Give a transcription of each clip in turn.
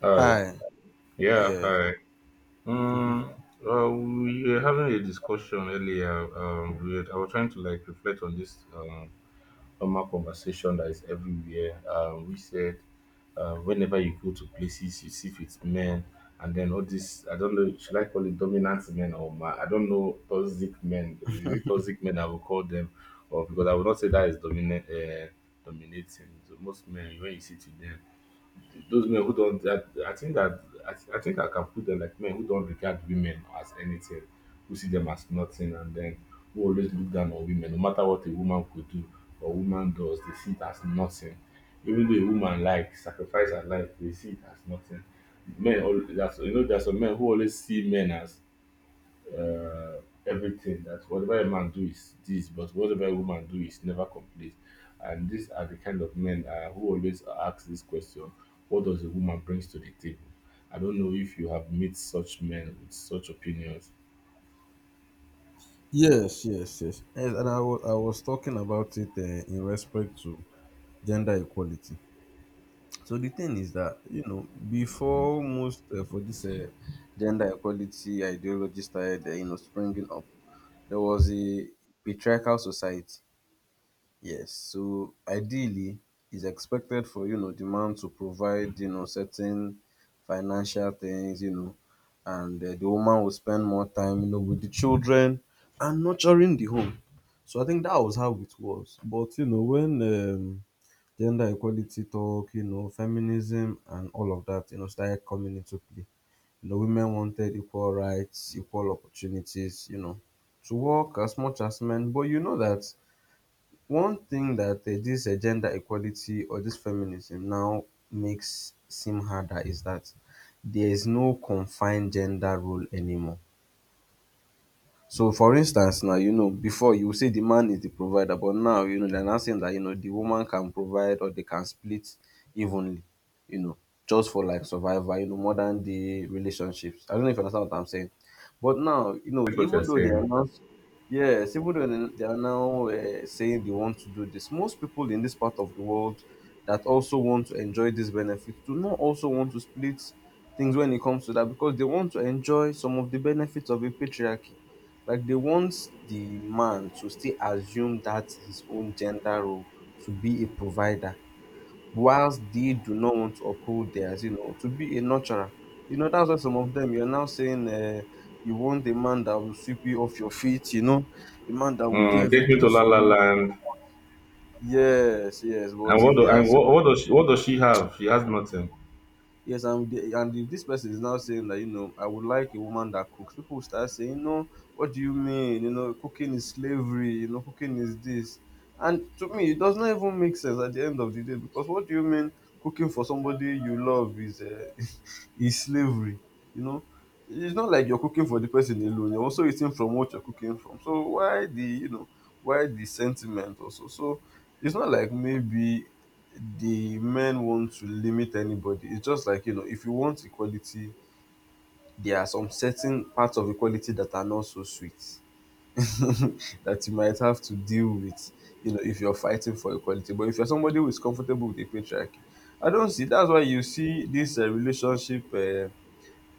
Hi. Hi. Yeah, Yeah. hi. Um, we were having a discussion earlier. We were, I was trying to like reflect on this normal conversation that is everywhere. We said whenever you go to places, you see if it's men, and then all this. I don't know. Should I call it dominant men or ma? I don't know, toxic men. Is it toxic men? I will call them, or because I would not say that is dominant. Dominating. So most men, when you see to them, those men who don't, that I think that I think I can put them like men who don't regard women as anything, who see them as nothing, and then who always look down on women, no matter what a woman could do or woman does, they see it as nothing. Even though a woman like sacrifice her life, they see it as nothing. That's, you know, there's some men who always see men as uh, everything, that whatever a man do is this, but whatever a woman do is never complete. And these are the kind of men who always ask this question: what does a woman brings to the table? I don't know if you have met such men with such opinions. Yes, yes, yes. Yes, and I was talking about it in respect to gender equality. So the thing is that, you know, before most for this gender equality ideology started you know, springing up, there was a patriarchal society. Yes, so ideally, it's expected for, you know, the man to provide, you know, certain financial things, you know, and the woman will spend more time, you know, with the children and nurturing the home. So I think that was how it was. But you know, when gender equality talk, you know, feminism and all of that, you know, started coming into play. You know, women wanted equal rights, equal opportunities, you know, to work as much as men. But you know that one thing that this gender equality or this feminism now makes seem harder is that there is no confined gender role anymore. So for instance now, you know, before you would say the man is the provider, but now, you know, they're now saying that, you know, the woman can provide or they can split evenly, you know, just for like survival, you know, modern day relationships. I don't know if you understand what I'm saying. But now, you know, That's what you're even though they saying. announce, yes, even though they are now saying they want to do this, most people in this part of the world that also want to enjoy this benefit do not also want to split things when it comes to that because they want to enjoy some of the benefits of a patriarchy. Like they want the man to still assume that his own gender role to be a provider, whilst they do not want to uphold theirs, you know, to be a nurturer. You know, that's why some of them, you're now saying, you want a man that will sweep you off your feet, you know, a man that will do Mm, take me everything to La for La you. Land. Yes, yes, but And if what do, they and ask. What does she have? She has nothing. Yes, and the, and if this person is now saying that, you know, I would like a woman that cooks, people will start saying, "No, what do you mean? You know, cooking is slavery. You know, cooking is this." And to me, it does not even make sense at the end of the day, because what do you mean cooking for somebody you love is is slavery? You know, it's not like you're cooking for the person alone. You're also eating from what you're cooking from. So why the, you know, why the sentiment also? So it's not like maybe the men want to limit anybody. It's just like, you know, if you want equality, there are some certain parts of equality that are not so sweet that you might have to deal with, you know, if you're fighting for equality. But if you're somebody who is comfortable with the patriarchy, I don't see. That's why you see this relationship.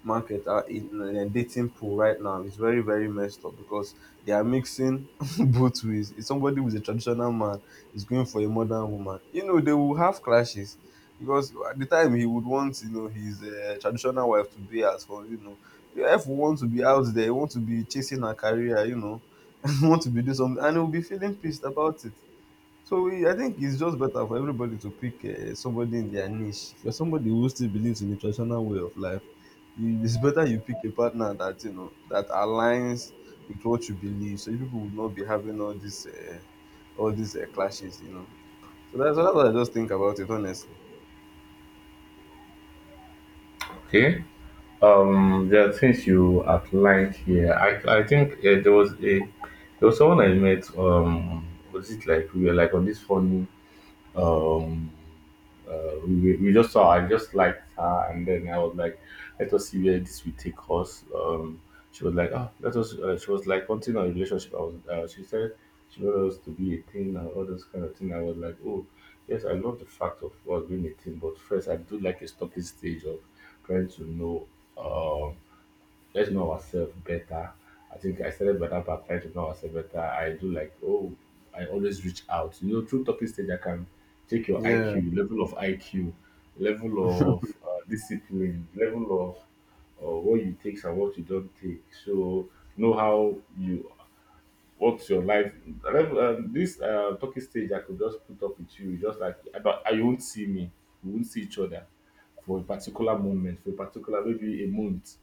Market are in a dating pool right now is very, very messed up because they are mixing both ways. If somebody with a traditional man is going for a modern woman, you know they will have clashes because at the time he would want, you know, his traditional wife to be as for, you know, your wife will want to be out there, want to be chasing her career, you know, want to be doing something, and he will be feeling pissed about it. I think it's just better for everybody to pick somebody in their niche. If you're somebody who still believes in the traditional way of life, it's better you pick a partner that you know that aligns with what you believe. So you people would not be having all these clashes, you know. So that's what I just think about it, honestly. Okay. There are things you outlined here. I think there was a, there was someone I met. Was it like we were like on this funny um we just saw, I just liked her, and then I was like, let us see where this will take us. She was like, oh, let us, she was like wanting a relationship. I was, she said she wanted us to be a team and all those kind of thing. I was like, oh yes, I love the fact of us being a team, but first I do like a stalking stage of trying to know. Um. Let's know ourselves better. I think I started by that part trying to know ourselves better. I do like, oh, I always reach out. You know, through talking stage, I can check your Yeah, IQ, level of IQ, level of discipline, level of what you take and what you don't take. So, know how you, what's your life. This talking stage, I could just put up with you, just like, I, don't- you won't see me. We won't see each other for a particular moment, for a particular, maybe a month,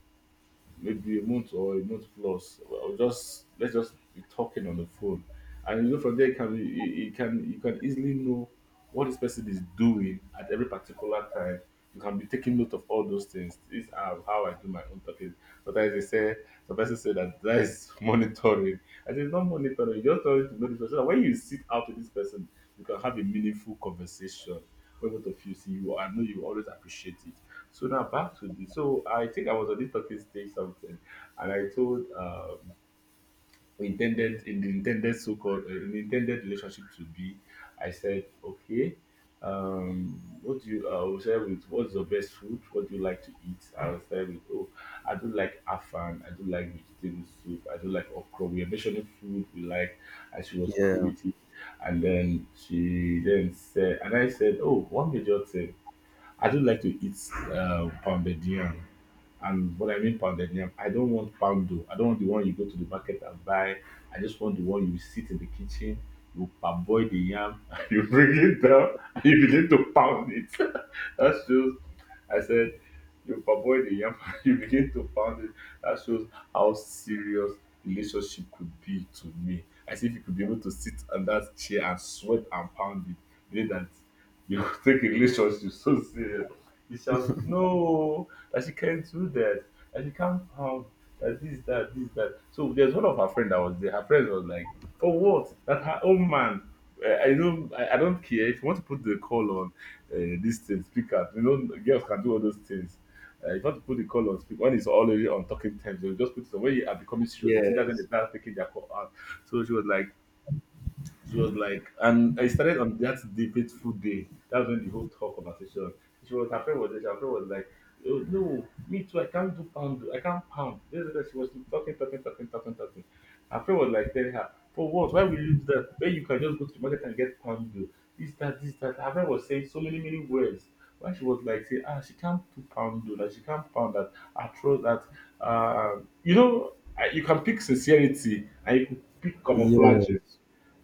maybe a month or a month plus. Or just let's just be talking on the phone, and you know from there you can you, you can easily know what this person is doing at every particular time. You can be taking note of all those things. These are how I do my own talking. Sometimes they say some person say that that is monitoring. I say it's not monitoring. You just trying to know this person. So that when you sit out with this person, you can have a meaningful conversation. When both of you see you, I know you always appreciate it. So now back to this. So I think I was on this talking stage something, and I told intended in the intended so-called in the intended relationship to be. I said, okay, um, what do you? I will share with, what's your best food? What do you like to eat? I will share with, oh, I do like afan. I do like vegetable soup. I do like okra. We are mentioning food we like, and she was cool yeah. with it. And then she then said, and I said, oh, one major thing. I do like to eat pounded yam. And what I mean pounded yam, I don't want poundo. I don't want the one you go to the market and buy. I just want the one you sit in the kitchen, you parboil the yam, and you bring it down, and you begin to pound it. That's just, I said, you parboil the yam, and you begin to pound it. That shows how serious relationship could be to me. As if you could be able to sit on that chair and sweat and pound it, meaning that you take a relationship so serious. You shout, no, that she can't do that, that she can't pound, that this, that, this, that. So there's one of her friend that was there. Her friend was like, for what? That her own man. I don't. I don't care if you want to put the call on this thing, speaker. You know, girls can do all those things. If you want to put the call on speaker, when it's already on talking terms, they'll just put it on. When you are becoming serious, I think that's when Yes. they start taking their call out. So she was like, and I started on that fateful day. That's when the whole talk conversation. She was her friend was there. Her friend was like, oh, no, me too. I can't do pound. I can't pound. This is that she was talking, talking, talking, talking, talking. Her friend was like telling her, for what? Why will you do that? When you can just go to the market and get pound dough. This, that, this, that. Her friend was saying so many, many words. Why she was like saying, ah, she can't do pound dough. That she can't pound that. I throw that. Uh, you know, I- you can pick sincerity and you can pick camouflage. Yes.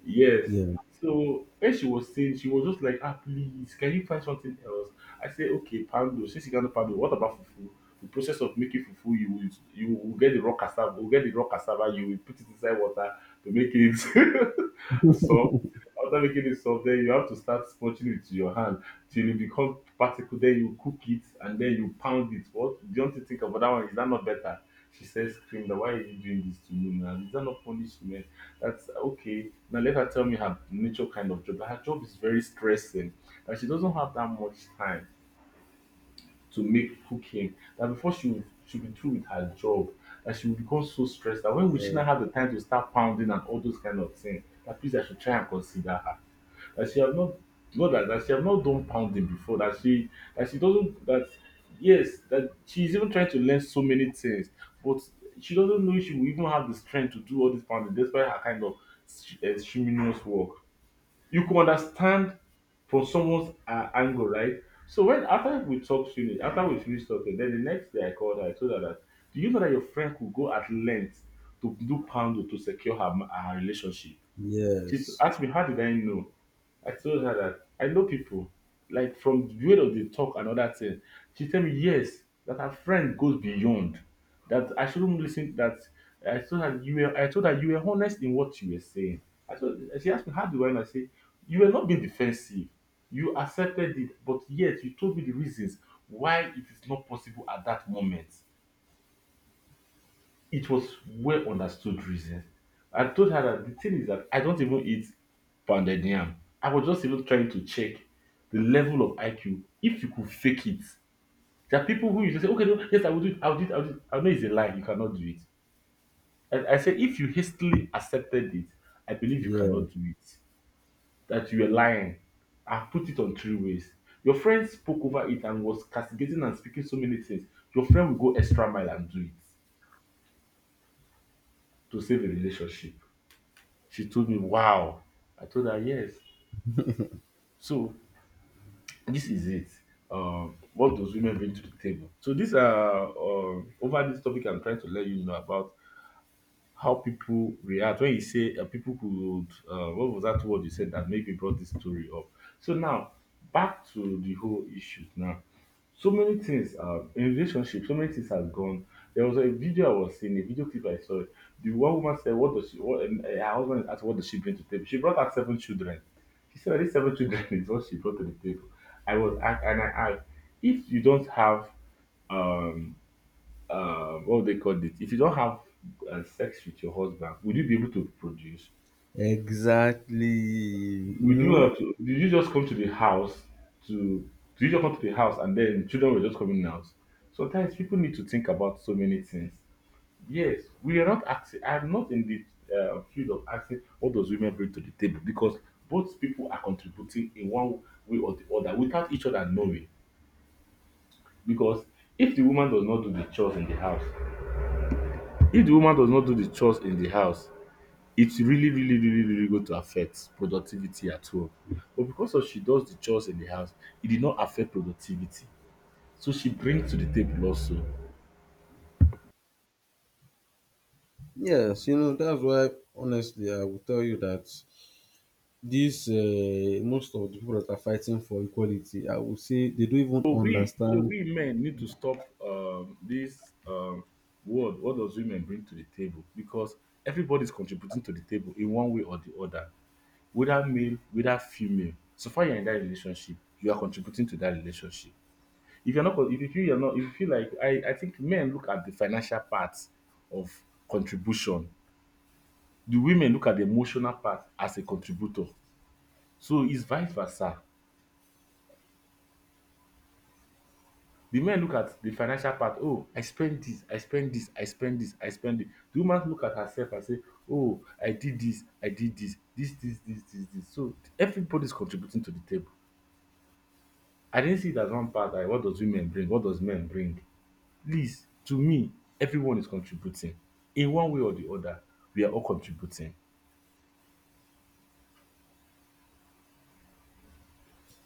Yes. yeah, So when she was saying, she was just like, ah, please, can you find something else? I said, okay, pando. Since you cannot pando, what about fufu? The process of making fufu, you will get the raw cassava, you will put it inside water to make it soft. After making it soft, then you have to start sponging it with your hand till it become particle. Then you cook it and then you pound it. What don't you think about that one? Is that not better? She says, scream, why are you doing this to me now? Is that not punishment? That's okay. Now let her tell me her nature kind of job. Her job is very stressing, and she doesn't have that much time to make cooking. That before she will, she'll be through with her job, that she will become so stressed, that when will she Yeah. not have the time to start pounding and all those kind of things? That please, I should try and consider her, that she have not, not that, that she have not done pounding before, that she, that she doesn't, that yes, that she's even trying to learn so many things, but she doesn't know if she will even have the strength to do all this pounding despite her kind of strenuous work. You could understand from someone's angle, right? So when after we talked finish, after we finished talking, then the next day I called her, I told her that, do you know that your friend could go at length to do pounding to secure her relationship? She Yes. asked me, how did I know? I told her that I know people, like from the way that they talk and other things. She tell me, yes, that her friend goes beyond. That I shouldn't listen. That I told her you were, I told her you were honest in what you were saying. I told She asked me, how do I know? I say, you were not being defensive. You accepted it, but yet you told me the reasons why it is not possible at that moment. It was well understood reason. I told her that the thing is that I don't even eat pounded yam. I was just even trying to check the level of IQ. If you could fake it, there are people who you just say, okay, no, yes, I will do it, I'll do it, I'll do it. I know it's a lie, you cannot do it. And I said, if you hastily accepted it, I believe you Yeah. cannot do it. That you are lying. I put it on three ways. Your friend spoke over it and was castigating and speaking so many things. Your friend will go extra mile and do it to save a relationship. She told me, "Wow!" I told her, "Yes." So this is it. What does women bring to the table? So these are over this topic, I'm trying to let you know about how people react when you say people could what was that word you said that maybe brought this story up? So now back to the whole issue now, so many things in relationship, so many things has gone. There was a video, I was seeing a video clip I saw The one woman said, what does she what, and her husband asked, what does she bring to table? She brought her 7 children. She said these 7 children is what she brought to the table. I asked, if you don't have um what do they call it? If you don't have sex with your husband, would you be able to produce? Exactly. You Would you know? have to? Did you just come to the house to? Did you just come to the house and then the children were just coming out? Sometimes people need to think about so many things. Yes, we are not asking. I'm not in the field of asking what does women bring to the table, because both people are contributing in one way or the other without each other knowing. Because if the woman does not do the chores in the house, if the woman does not do the chores in the house, it's really, really, really, really going to affect productivity at home. But because of she does the chores in the house, it did not affect productivity. So she brings to the table also. Yes, you know, that's why honestly I will tell you that these most of the people that are fighting for equality, I will say they don't even So we, so understand. we men need to stop this word. What does women bring to the table? Because everybody's contributing to the table in one way or the other, whether male, whether female. So far you're in that relationship, you are contributing to that relationship. If you feel you're not, if you feel like I think men look at the financial part of contribution. The women look at the emotional part as a contributor. So it's vice versa. The men look at the financial part. Oh, I spend this, I spend this, I spend this, I spend it. The woman look at herself and say, oh, I did this, this, this, this, this, this. So everybody's contributing to the table. I didn't see it as one part. Like, what does women bring? What does men bring? Please, to me, everyone is contributing. In one way or the other, we are all contributing.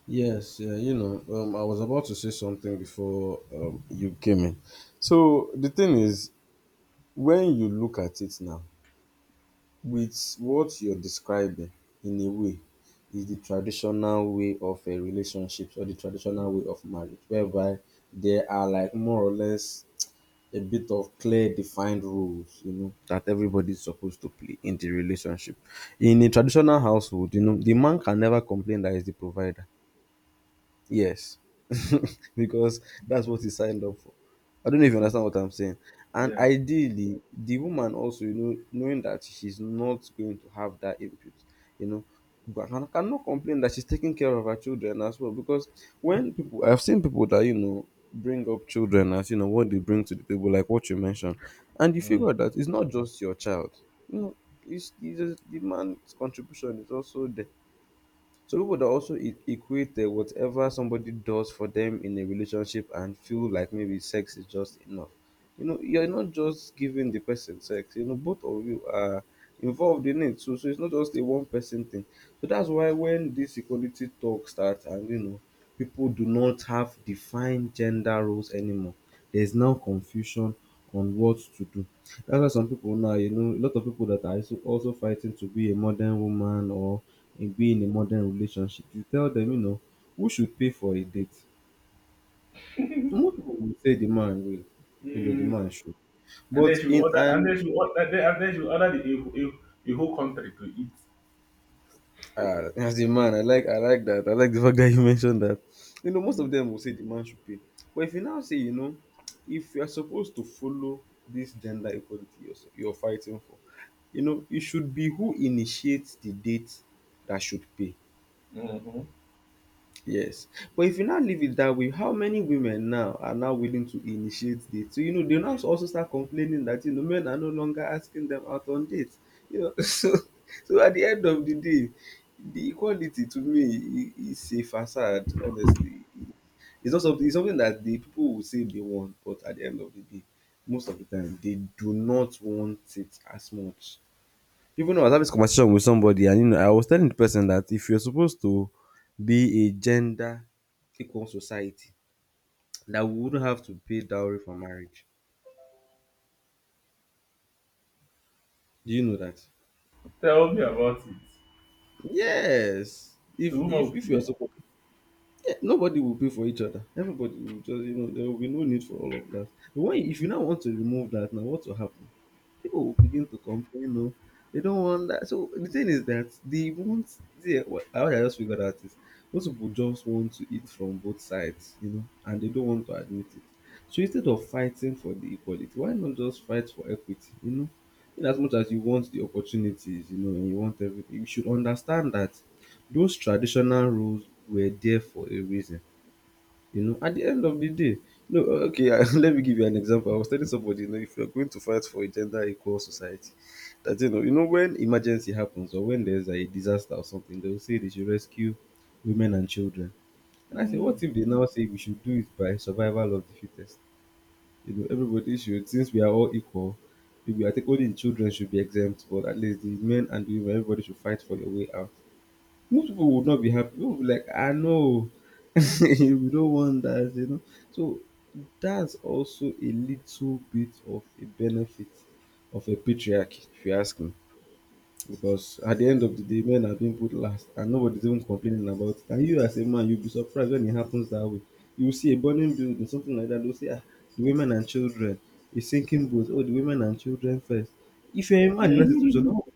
Yes, you know, I was about to say something before you came in. So the thing is, when you look at it now, with what you're describing in a way, is the traditional way of a relationship or the traditional way of marriage, whereby there are like more or less a bit of clear defined rules, you know, that everybody's supposed to play in the relationship. In a traditional household, you know, the man can never complain that he's the provider. Yes, because that's what he signed up for. I don't know if you understand what I'm saying. And ideally, the woman also, you know, knowing that she's not going to have that input, you know, cannot complain that she's taking care of her children as well. Because when people, I've seen people that, you know, bring up children as, you know, what they bring to the table, like what you mentioned, and you figure that it's not just your child, you know, it's just- the man's contribution is also there. So people that also e- equate whatever somebody does for them in a relationship and feel like maybe sex is just enough. You know, you're not just giving the person sex. You know, both of you are involved in it. So, so it's not just a one person thing. So that's why when this equality talk starts and you know, people do not have defined gender roles anymore. There's now confusion on what to do. That's why some people now, you know, a lot of people that are also also fighting to be a modern woman or again, a modern relationship, you tell them, you know, who should pay for a date? Most people will say the man will, you know, the Mm, man should. and But then she will in order, and an then she will order, and then she will order the a whole country to eat. As a man, I like that. I like the fact that you mentioned that. You know, most of them will say the man should pay. But if you now say, you know, if you are supposed to follow this gender equality you're, s- you're fighting for, you know, it should be who initiates the date that should pay. Yes. But if you now leave it that way, how many women now are now willing to initiate dates? So, you know, they now also start complaining that, you know, men are no longer asking them out on dates. You know, so so at the end of the day, the equality to me I- is a facade, honestly. It's not something it's something that the people will say they want, but at the end of the day, most of the time they do not want it as much. Even though I was having this conversation with somebody, and you know, I was telling the person that if you're supposed to be a gender equal society, that we wouldn't have to pay dowry for marriage. Do you know that? Tell me about it. Yes. If The woman if will if you're be. supposed, yeah, nobody will pay for each other. Everybody will just, you know, there will be no need for all of that. But when if you now want to remove that, now what will happen? People will begin to complain, you know, they don't want that. So the thing is that they want, yeah, what I just figured out is most people just want to eat from both sides, you know, and they don't want to admit it. So instead of fighting for the equality, why not just fight for equity, you know? In as much as you want the opportunities, you know, and you want everything, you should understand that those traditional rules were there for a reason. You know, at the end of the day, no, okay, I, let me give you an example. I was telling somebody, you know, if you're going to fight for a gender equal society, that you know, when emergency happens or when there's a disaster or something, they'll say they should rescue women and children. And I say, what if they now say we should do it by survival of the fittest? You know, everybody should, since we are all equal, maybe I think only the children should be exempt, but at least the men and the women, everybody should fight for your way out. Most people would not be happy. People would be like, I know, we don't want that, you know. So that's also a little bit of a benefit of a patriarchy, if you ask me. Because at the end of the day, men are being put last and nobody's even complaining about it. And you as a man, you'll be surprised when it happens that way. You will see a burning building, something like that, they'll say, ah, the women and children, a sinking boat, oh, the women and children first. If you're a man in that situation, Mm. no,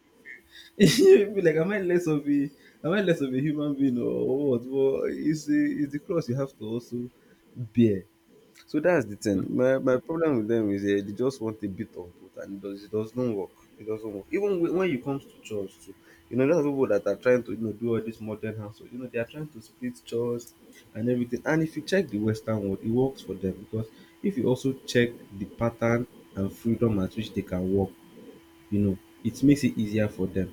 You'll be like, am I less of a am I less of a human being or what? But it's the cross you have to also bear. So that's the thing. My problem with them is they just want a bit of both, and it does not work. It doesn't work. Even when it comes to chores too, you know, there's people that are trying to, you know, do all this modern household. You know, they are trying to split chores and everything. And if you check the Western world, it works for them because if you also check the pattern and freedom at which they can work, you know, it makes it easier for them,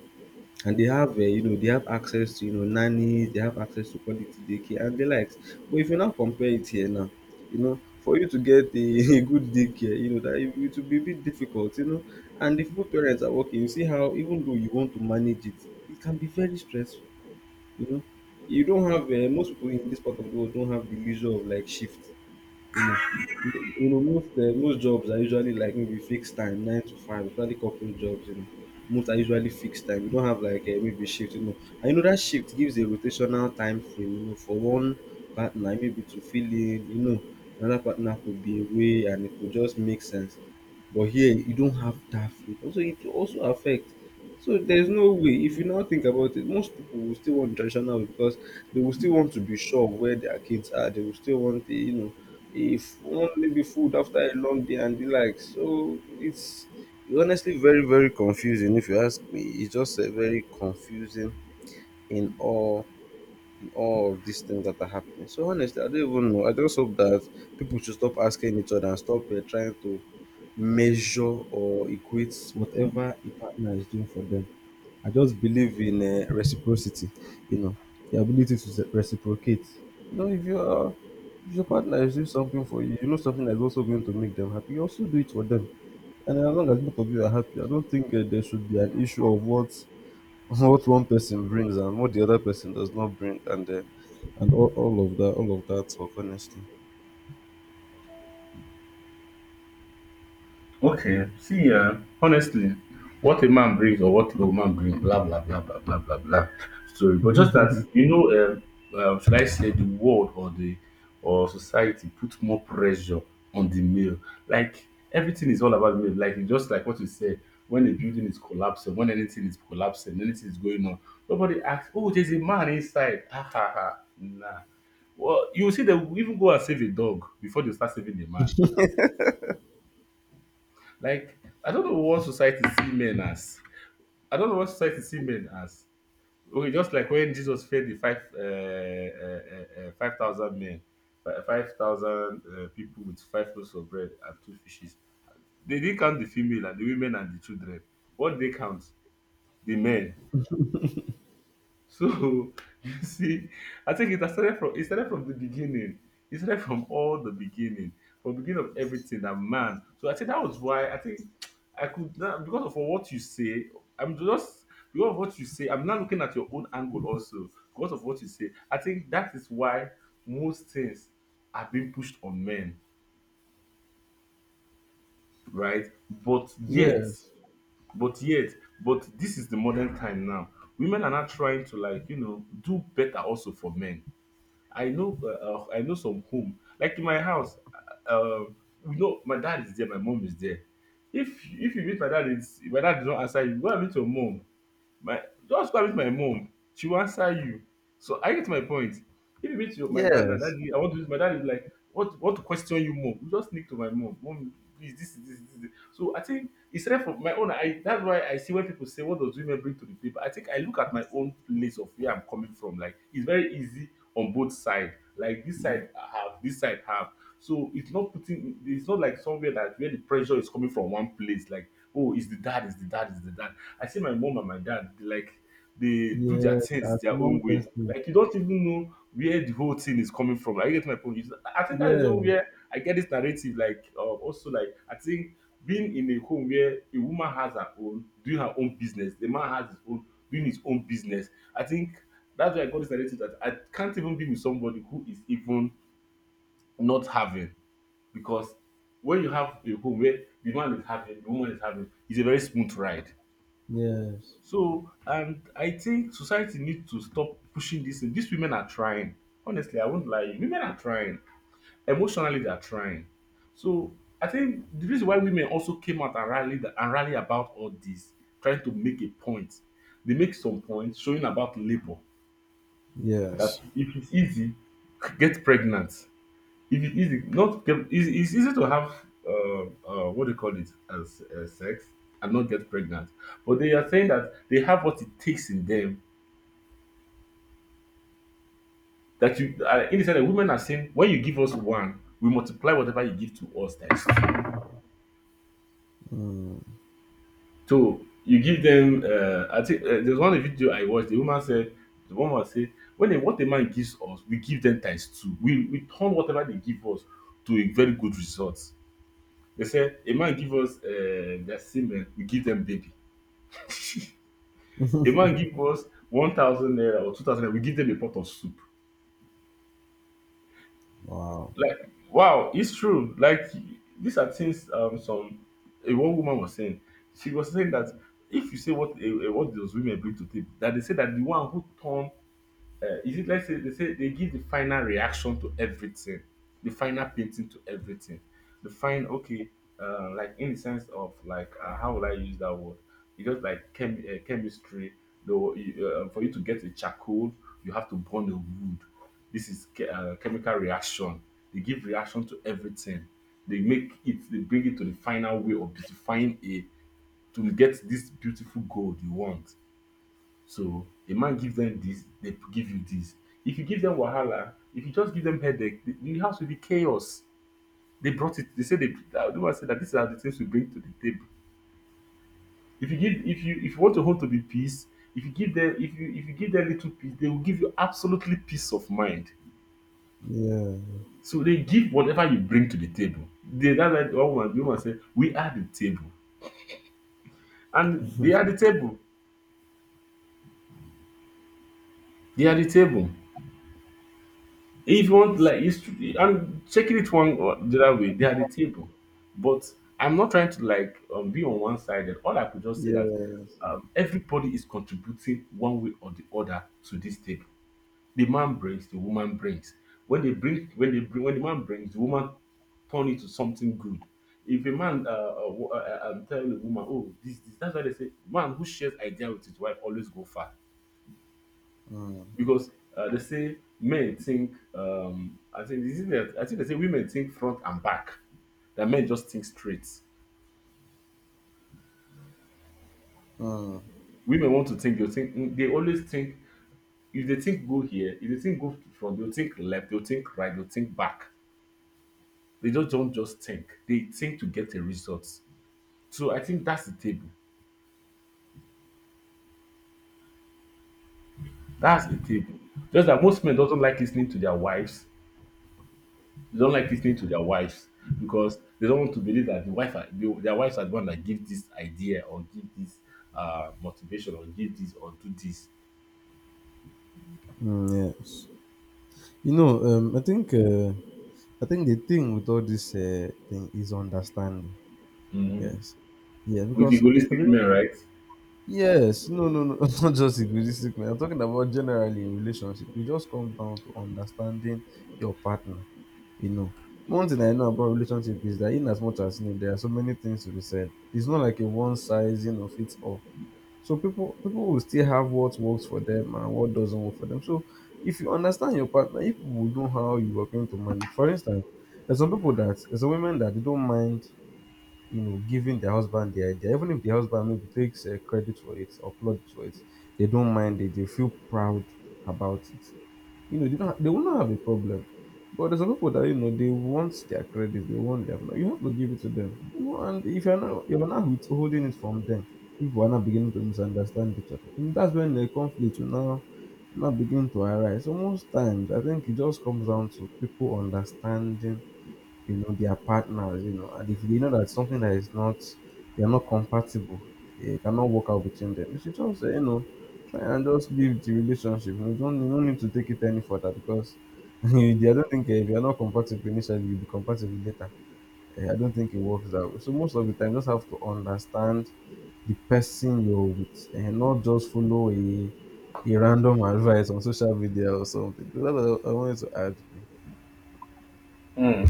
and they have, you know, they have access to, you know, nannies. They have access to quality daycare and the likes. But if you now compare it here now, you know, for you to get a a good daycare, you know that it will be a bit difficult, you know. And if both parents are working, you see how, even though you want to manage it, it can be very stressful, you know. You don't have, most people in this part of the world don't have the leisure of like shift, you know, you know most most jobs are usually like, maybe, fixed time, 9 to 5, especially corporate jobs. You know, most are usually fixed time. You don't have like, maybe, shift. You know, and you know that shift gives a rotational time frame. You know, for one partner maybe to fill in. You know, another partner could be away, and it could just make sense. But here you don't have that freedom, so it will also affect. So there's no way. If you now think about it, most people will still want traditional way because they will still want to be sure of where their kids are. They will still want the, you know, if want be food after a long day and the like. So it's honestly very very confusing if you ask me. It's just a very confusing in all in all of these things that are happening. So honestly, I don't even know. I just hope that people should stop asking each other and stop trying to measure or equate whatever a partner is doing for them. I just believe in reciprocity, you know, the ability to reciprocate. You know, if your partner receives something for you, you know, something that's also going to make them happy. You also do it for them, and as long as both of you are happy, I don't think there should be an issue of what what one person brings and what the other person does not bring, and all of that talk. Honestly, Okay, see, honestly, what a man brings or what a woman brings, blah blah blah blah blah blah blah. Sorry, but just that you know, should I say the world or the or society put more pressure on the male? Like everything is all about the male. Like it's just like what you say, when a building is collapsing, when anything is collapsing, anything is going on, nobody asks, oh, there's a man inside. Ah ha ha, nah. Well, you will see them even go and save a dog before they start saving a man. Like, I don't know what society see men as. I don't know what society see men as. Okay, just like when Jesus fed the 5,000 men, 5,000 people with five loaves of bread and two fishes. They didn't count the female and the women and the children. What they count? The men. So, you see, I think it started from the beginning. It started from all the beginning, from beginning of everything. That man. So I think that was why, I think, I could now because of what you say. I'm just, because of what you say. I'm not looking at your own angle also because of what you say. I think that is why most things are being pushed on men, right? But yet, yes, but yet, but this is the modern time now. Women are not trying to, like, you know, do better also for men. I know some home. Like in my house, you know, my dad is there, my mom is there. If you meet my dad, is my dad does not answer you, go and meet your mom. My Just go and meet my mom, she will answer you. So I get my point. If you meet your my dad now, yes, daddy, I want to do this. My dad is like, what to question you more? You just sneak to my mom. Mom, please, this is this, this, this. So I think, instead, from my own, I that's why I see when people say what does women bring to the table. I think I look at my own place of where I'm coming from. Like it's very easy on both sides. Like this side I have, this side have. So it's not putting, it's not like somewhere that where the pressure is coming from one place, like oh it's the dad, it's the dad, it's the dad. I see my mom and my dad like, they do their yes, things as their own one way. person, Like you don't even know where the whole thing is coming from. Like, I get my point. It's- I think that is even yes, where I get this narrative. Like, also, like, I think being in a home where a woman has her own doing her own business, the man has his own doing his own business. I think that's why I got this narrative that I can't even be with somebody who is even not having. Because when you have a home where the man is having, the woman is having, it's a very smooth ride. yes, So, and I think society needs to stop pushing this thing. These women are trying. Honestly, I won't lie. Women are trying. Emotionally, they are trying. So, I think the reason why women also came out and rallied and rally about all this, trying to make a point. They make some points showing about labor, that yes. if it's easy, get pregnant. If it's easy, not get, it's easy to have what do you call it, as sex and not get pregnant. But they are saying that they have what it takes in them. That you, in the sense that women are saying, when you give us one, we multiply whatever you give to us times two. Mm, So you give them. I think there's one video I watched. The woman said, when a, what a man gives us, we give them times two. We turn whatever they give us to a very good result. They said a man give us their semen, we give them baby. A man give us 1,000 naira or 2,000 naira, we give them a pot of soup. wow. Like, wow, it's true. Like, these are things, some a one woman was saying. She was saying that if you say what a, what those women bring to table, that they say that the one who turn is it, let's say, they say they give the final reaction to everything, the final painting to everything, the fine, okay, like in the sense of like, how will I use that word? Because like chemistry, for you to get a charcoal, you have to burn the wood, this is chemical reaction. They give reaction to everything. They make it, they bring it to the final way of beautifying it to get this beautiful gold you want. So a man gives them this, they give you this. If you give them wahala, if you just give them headache, the house will be chaos. They brought it. They say they. The one said that these are the things we bring to the table. If you give, if you want your home to be peace, if you give them, if you give them little peace, they will give you absolutely peace of mind. Yeah. So they give whatever you bring to the table. They that, like one woman, the woman said, "We are the table," and they are the table. They are the table. If you want, like, it's tr- I'm checking it one or the other way. They are the table, but I'm not trying to like, be on one sided. All I could just say that Yes. Everybody is contributing one way or the other to this table. The man brings, the woman brings. When the man brings, the woman turn it to something good. If a man, tell a woman, oh, this, that's why they say, man who shares idea with his wife always go far Mm. because they say men think, I think, is it that, I think they say women think front and back, that men just think straight. Mm. Women want to think, they think, they always think. If they think, go here; if they think, go front, they'll think left, they'll think right, they'll think back. They just don't just think, they think to get a result. So I think that's the table, that's the table, just that most men doesn't like listening to their wives. They don't like listening to their wives because they don't want to believe that their wives are the one that give this idea or give this, motivation or give this or do this. Mm, yes. You know, I think the thing with all this thing is understanding. Mm-hmm. Yes. Yeah, With because I egoistic think men, right? yes, no, no, no, it's not just in egoistic man. I'm talking about generally in relationship. It just comes down to understanding your partner. You know, one thing I know about relationship is that, in as much as, you know, there are so many things to be said. It's not like a one size, you know, fits all. So people will still have what works for them and what doesn't work for them. So if you understand your partner, if people will know how you are going to manage. For instance, there's some women that they don't mind, you know, giving their husband the idea, even if the husband maybe takes credit for it or plaudits for it, they don't mind it. They feel proud about it. You know, they will not have a problem. But there's some people that, you know, they want their credit, they want them. Like, you have to give it to them. You know, and if you're not withholding it from them, people are not beginning to misunderstand each other. And that's when the conflict will now begin to arise. So most times I think it just comes down to people understanding, you know, their partners, you know, and if they know that something that is not, they are not compatible, they cannot work out between them. You should just say, you know, try and just leave the relationship. You know, don't you don't need to take it any further because I don't think, if you are not compatible initially, you'll be compatible later. Eh, I don't think it works that way. So most of the time, you just have to understand the person you're with, and not just follow a random advice on social media or something. That's what I wanted to add. Mm.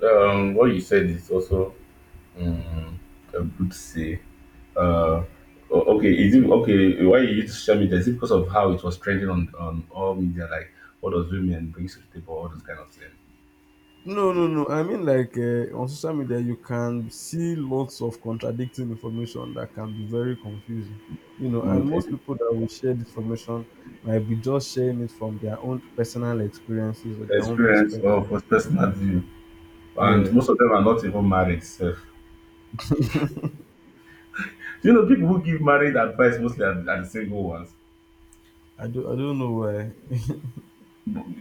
Now, what you said is also um, a good say. Uh, okay, is it okay? Why you use social media? Is it because of how it was trending on all media? Like, what does women bring to the table? All those kind of things. No, no, no. I mean, like, on social media, you can see lots of contradicting information that can be very confusing. You know, and Mm, most and people that will share this information might be just sharing it from their own personal experiences or their own experience perspective. of personal view, and Yeah, most of them are not even married. So. You know, people who give marriage advice mostly are the single ones. I do. I don't know why.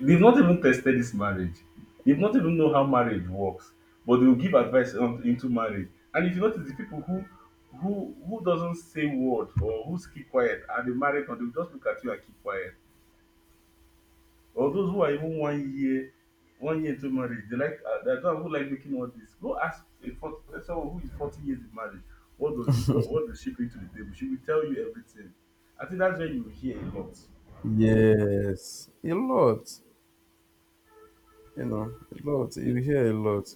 They've not even tested this marriage. They've not even know how marriage works, but they will give advice into marriage. And if you notice, the people who doesn't say word or who keep quiet are the married ones. They will just look at you and keep quiet. Or those who are even one year into marriage, they like, there are some who like making all this. Go ask someone who is 40 years in marriage. What does she bring to the table? She will tell you everything. I think that's where you hear a lot. Yes, a lot. You know, a lot. You hear a lot.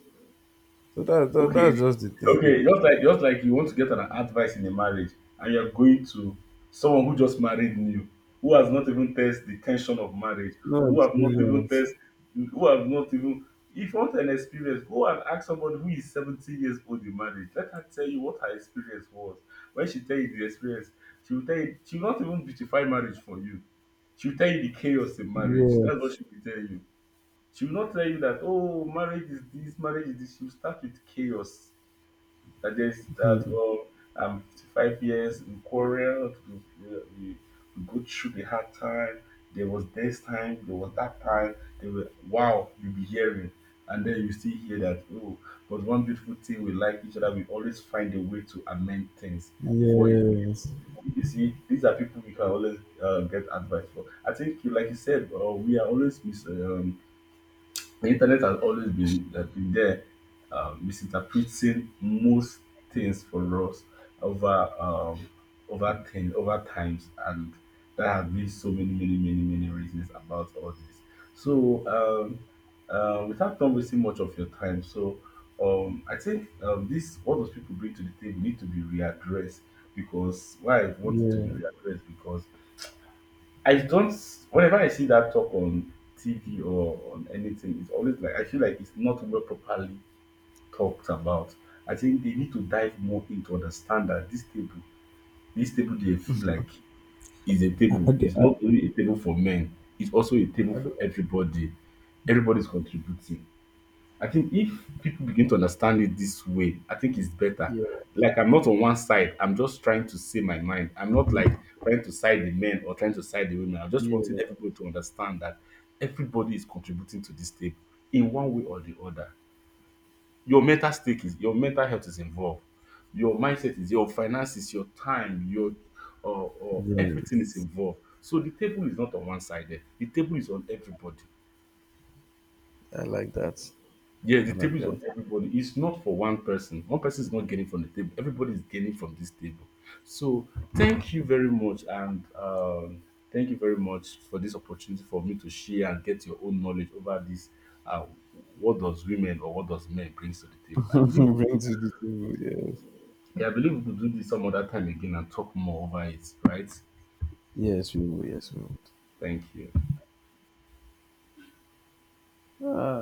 So that, that's Okay, just the thing. okay, just like you want to get an advice in a marriage, and you're going to someone who just married new, who has not even tested the tension of marriage, No who have not even experience. tested, who have not even. If you want an experience, go and ask someone who is 70 years old in marriage. Let her tell you what her experience was. When she tell you the experience, she will tell you, she will not even beautify marriage for you. She will tell you the chaos in marriage. That's what Yes. she will tell you. She will not tell you that, oh, marriage is this, marriage is this. She will start with chaos, suggest that, Hmm. well, I'm 55 years, we quarreled, we go through the hard time. There was this time, there was that time. They were, wow, you'll be hearing, and then you still hear that, oh, but one beautiful thing, we like each other, we always find a way to amend things before it. Yes. You see, these are people you can always get advice for. I think, you, like you said, we are always misleading. The internet has always been there, misinterpreting most things for us over um, over things, over times, and there have been so many reasons about all this. So, um, without not wasting much of your time. So, I think, this, what those people bring to the table, need to be readdressed, because why I want it to be Yeah. readdressed, because I don't, whenever I see that talk on TV or on anything, it's always like, I feel like it's not well properly talked about. I think they need to dive more in to understand that this table, they feel like is a I, table. I, do- It's I, not only a table for men, it's also a table I for everybody. Everybody's contributing. I think if people begin to understand it this way, I think it's better. do, Like, I'm not on one side. I'm just trying to say my mind. I'm not Mm, like trying to side the men or trying to side the women. I'm just Yeah. wanting everybody to understand that everybody is contributing to this table in one way or the other. Your mental health is involved. Your mindset is, your finances, your time, or everything is Yes, involved. So the table is not on one sided. The table is on everybody. I like that. Yeah, I the like table is that. on everybody. It's not for one person. One person is not gaining from the table. Everybody is gaining from this table. So, thank you very much, and, thank you very much for this opportunity for me to share and get your own knowledge over this. Uh, what does women or what does men brings to the table? I believe we Bring could, to the table. Yes. yeah, I believe we could do this some other time again and talk more over it. Right? Yes, we will. Yes, we will. Thank you. Ah,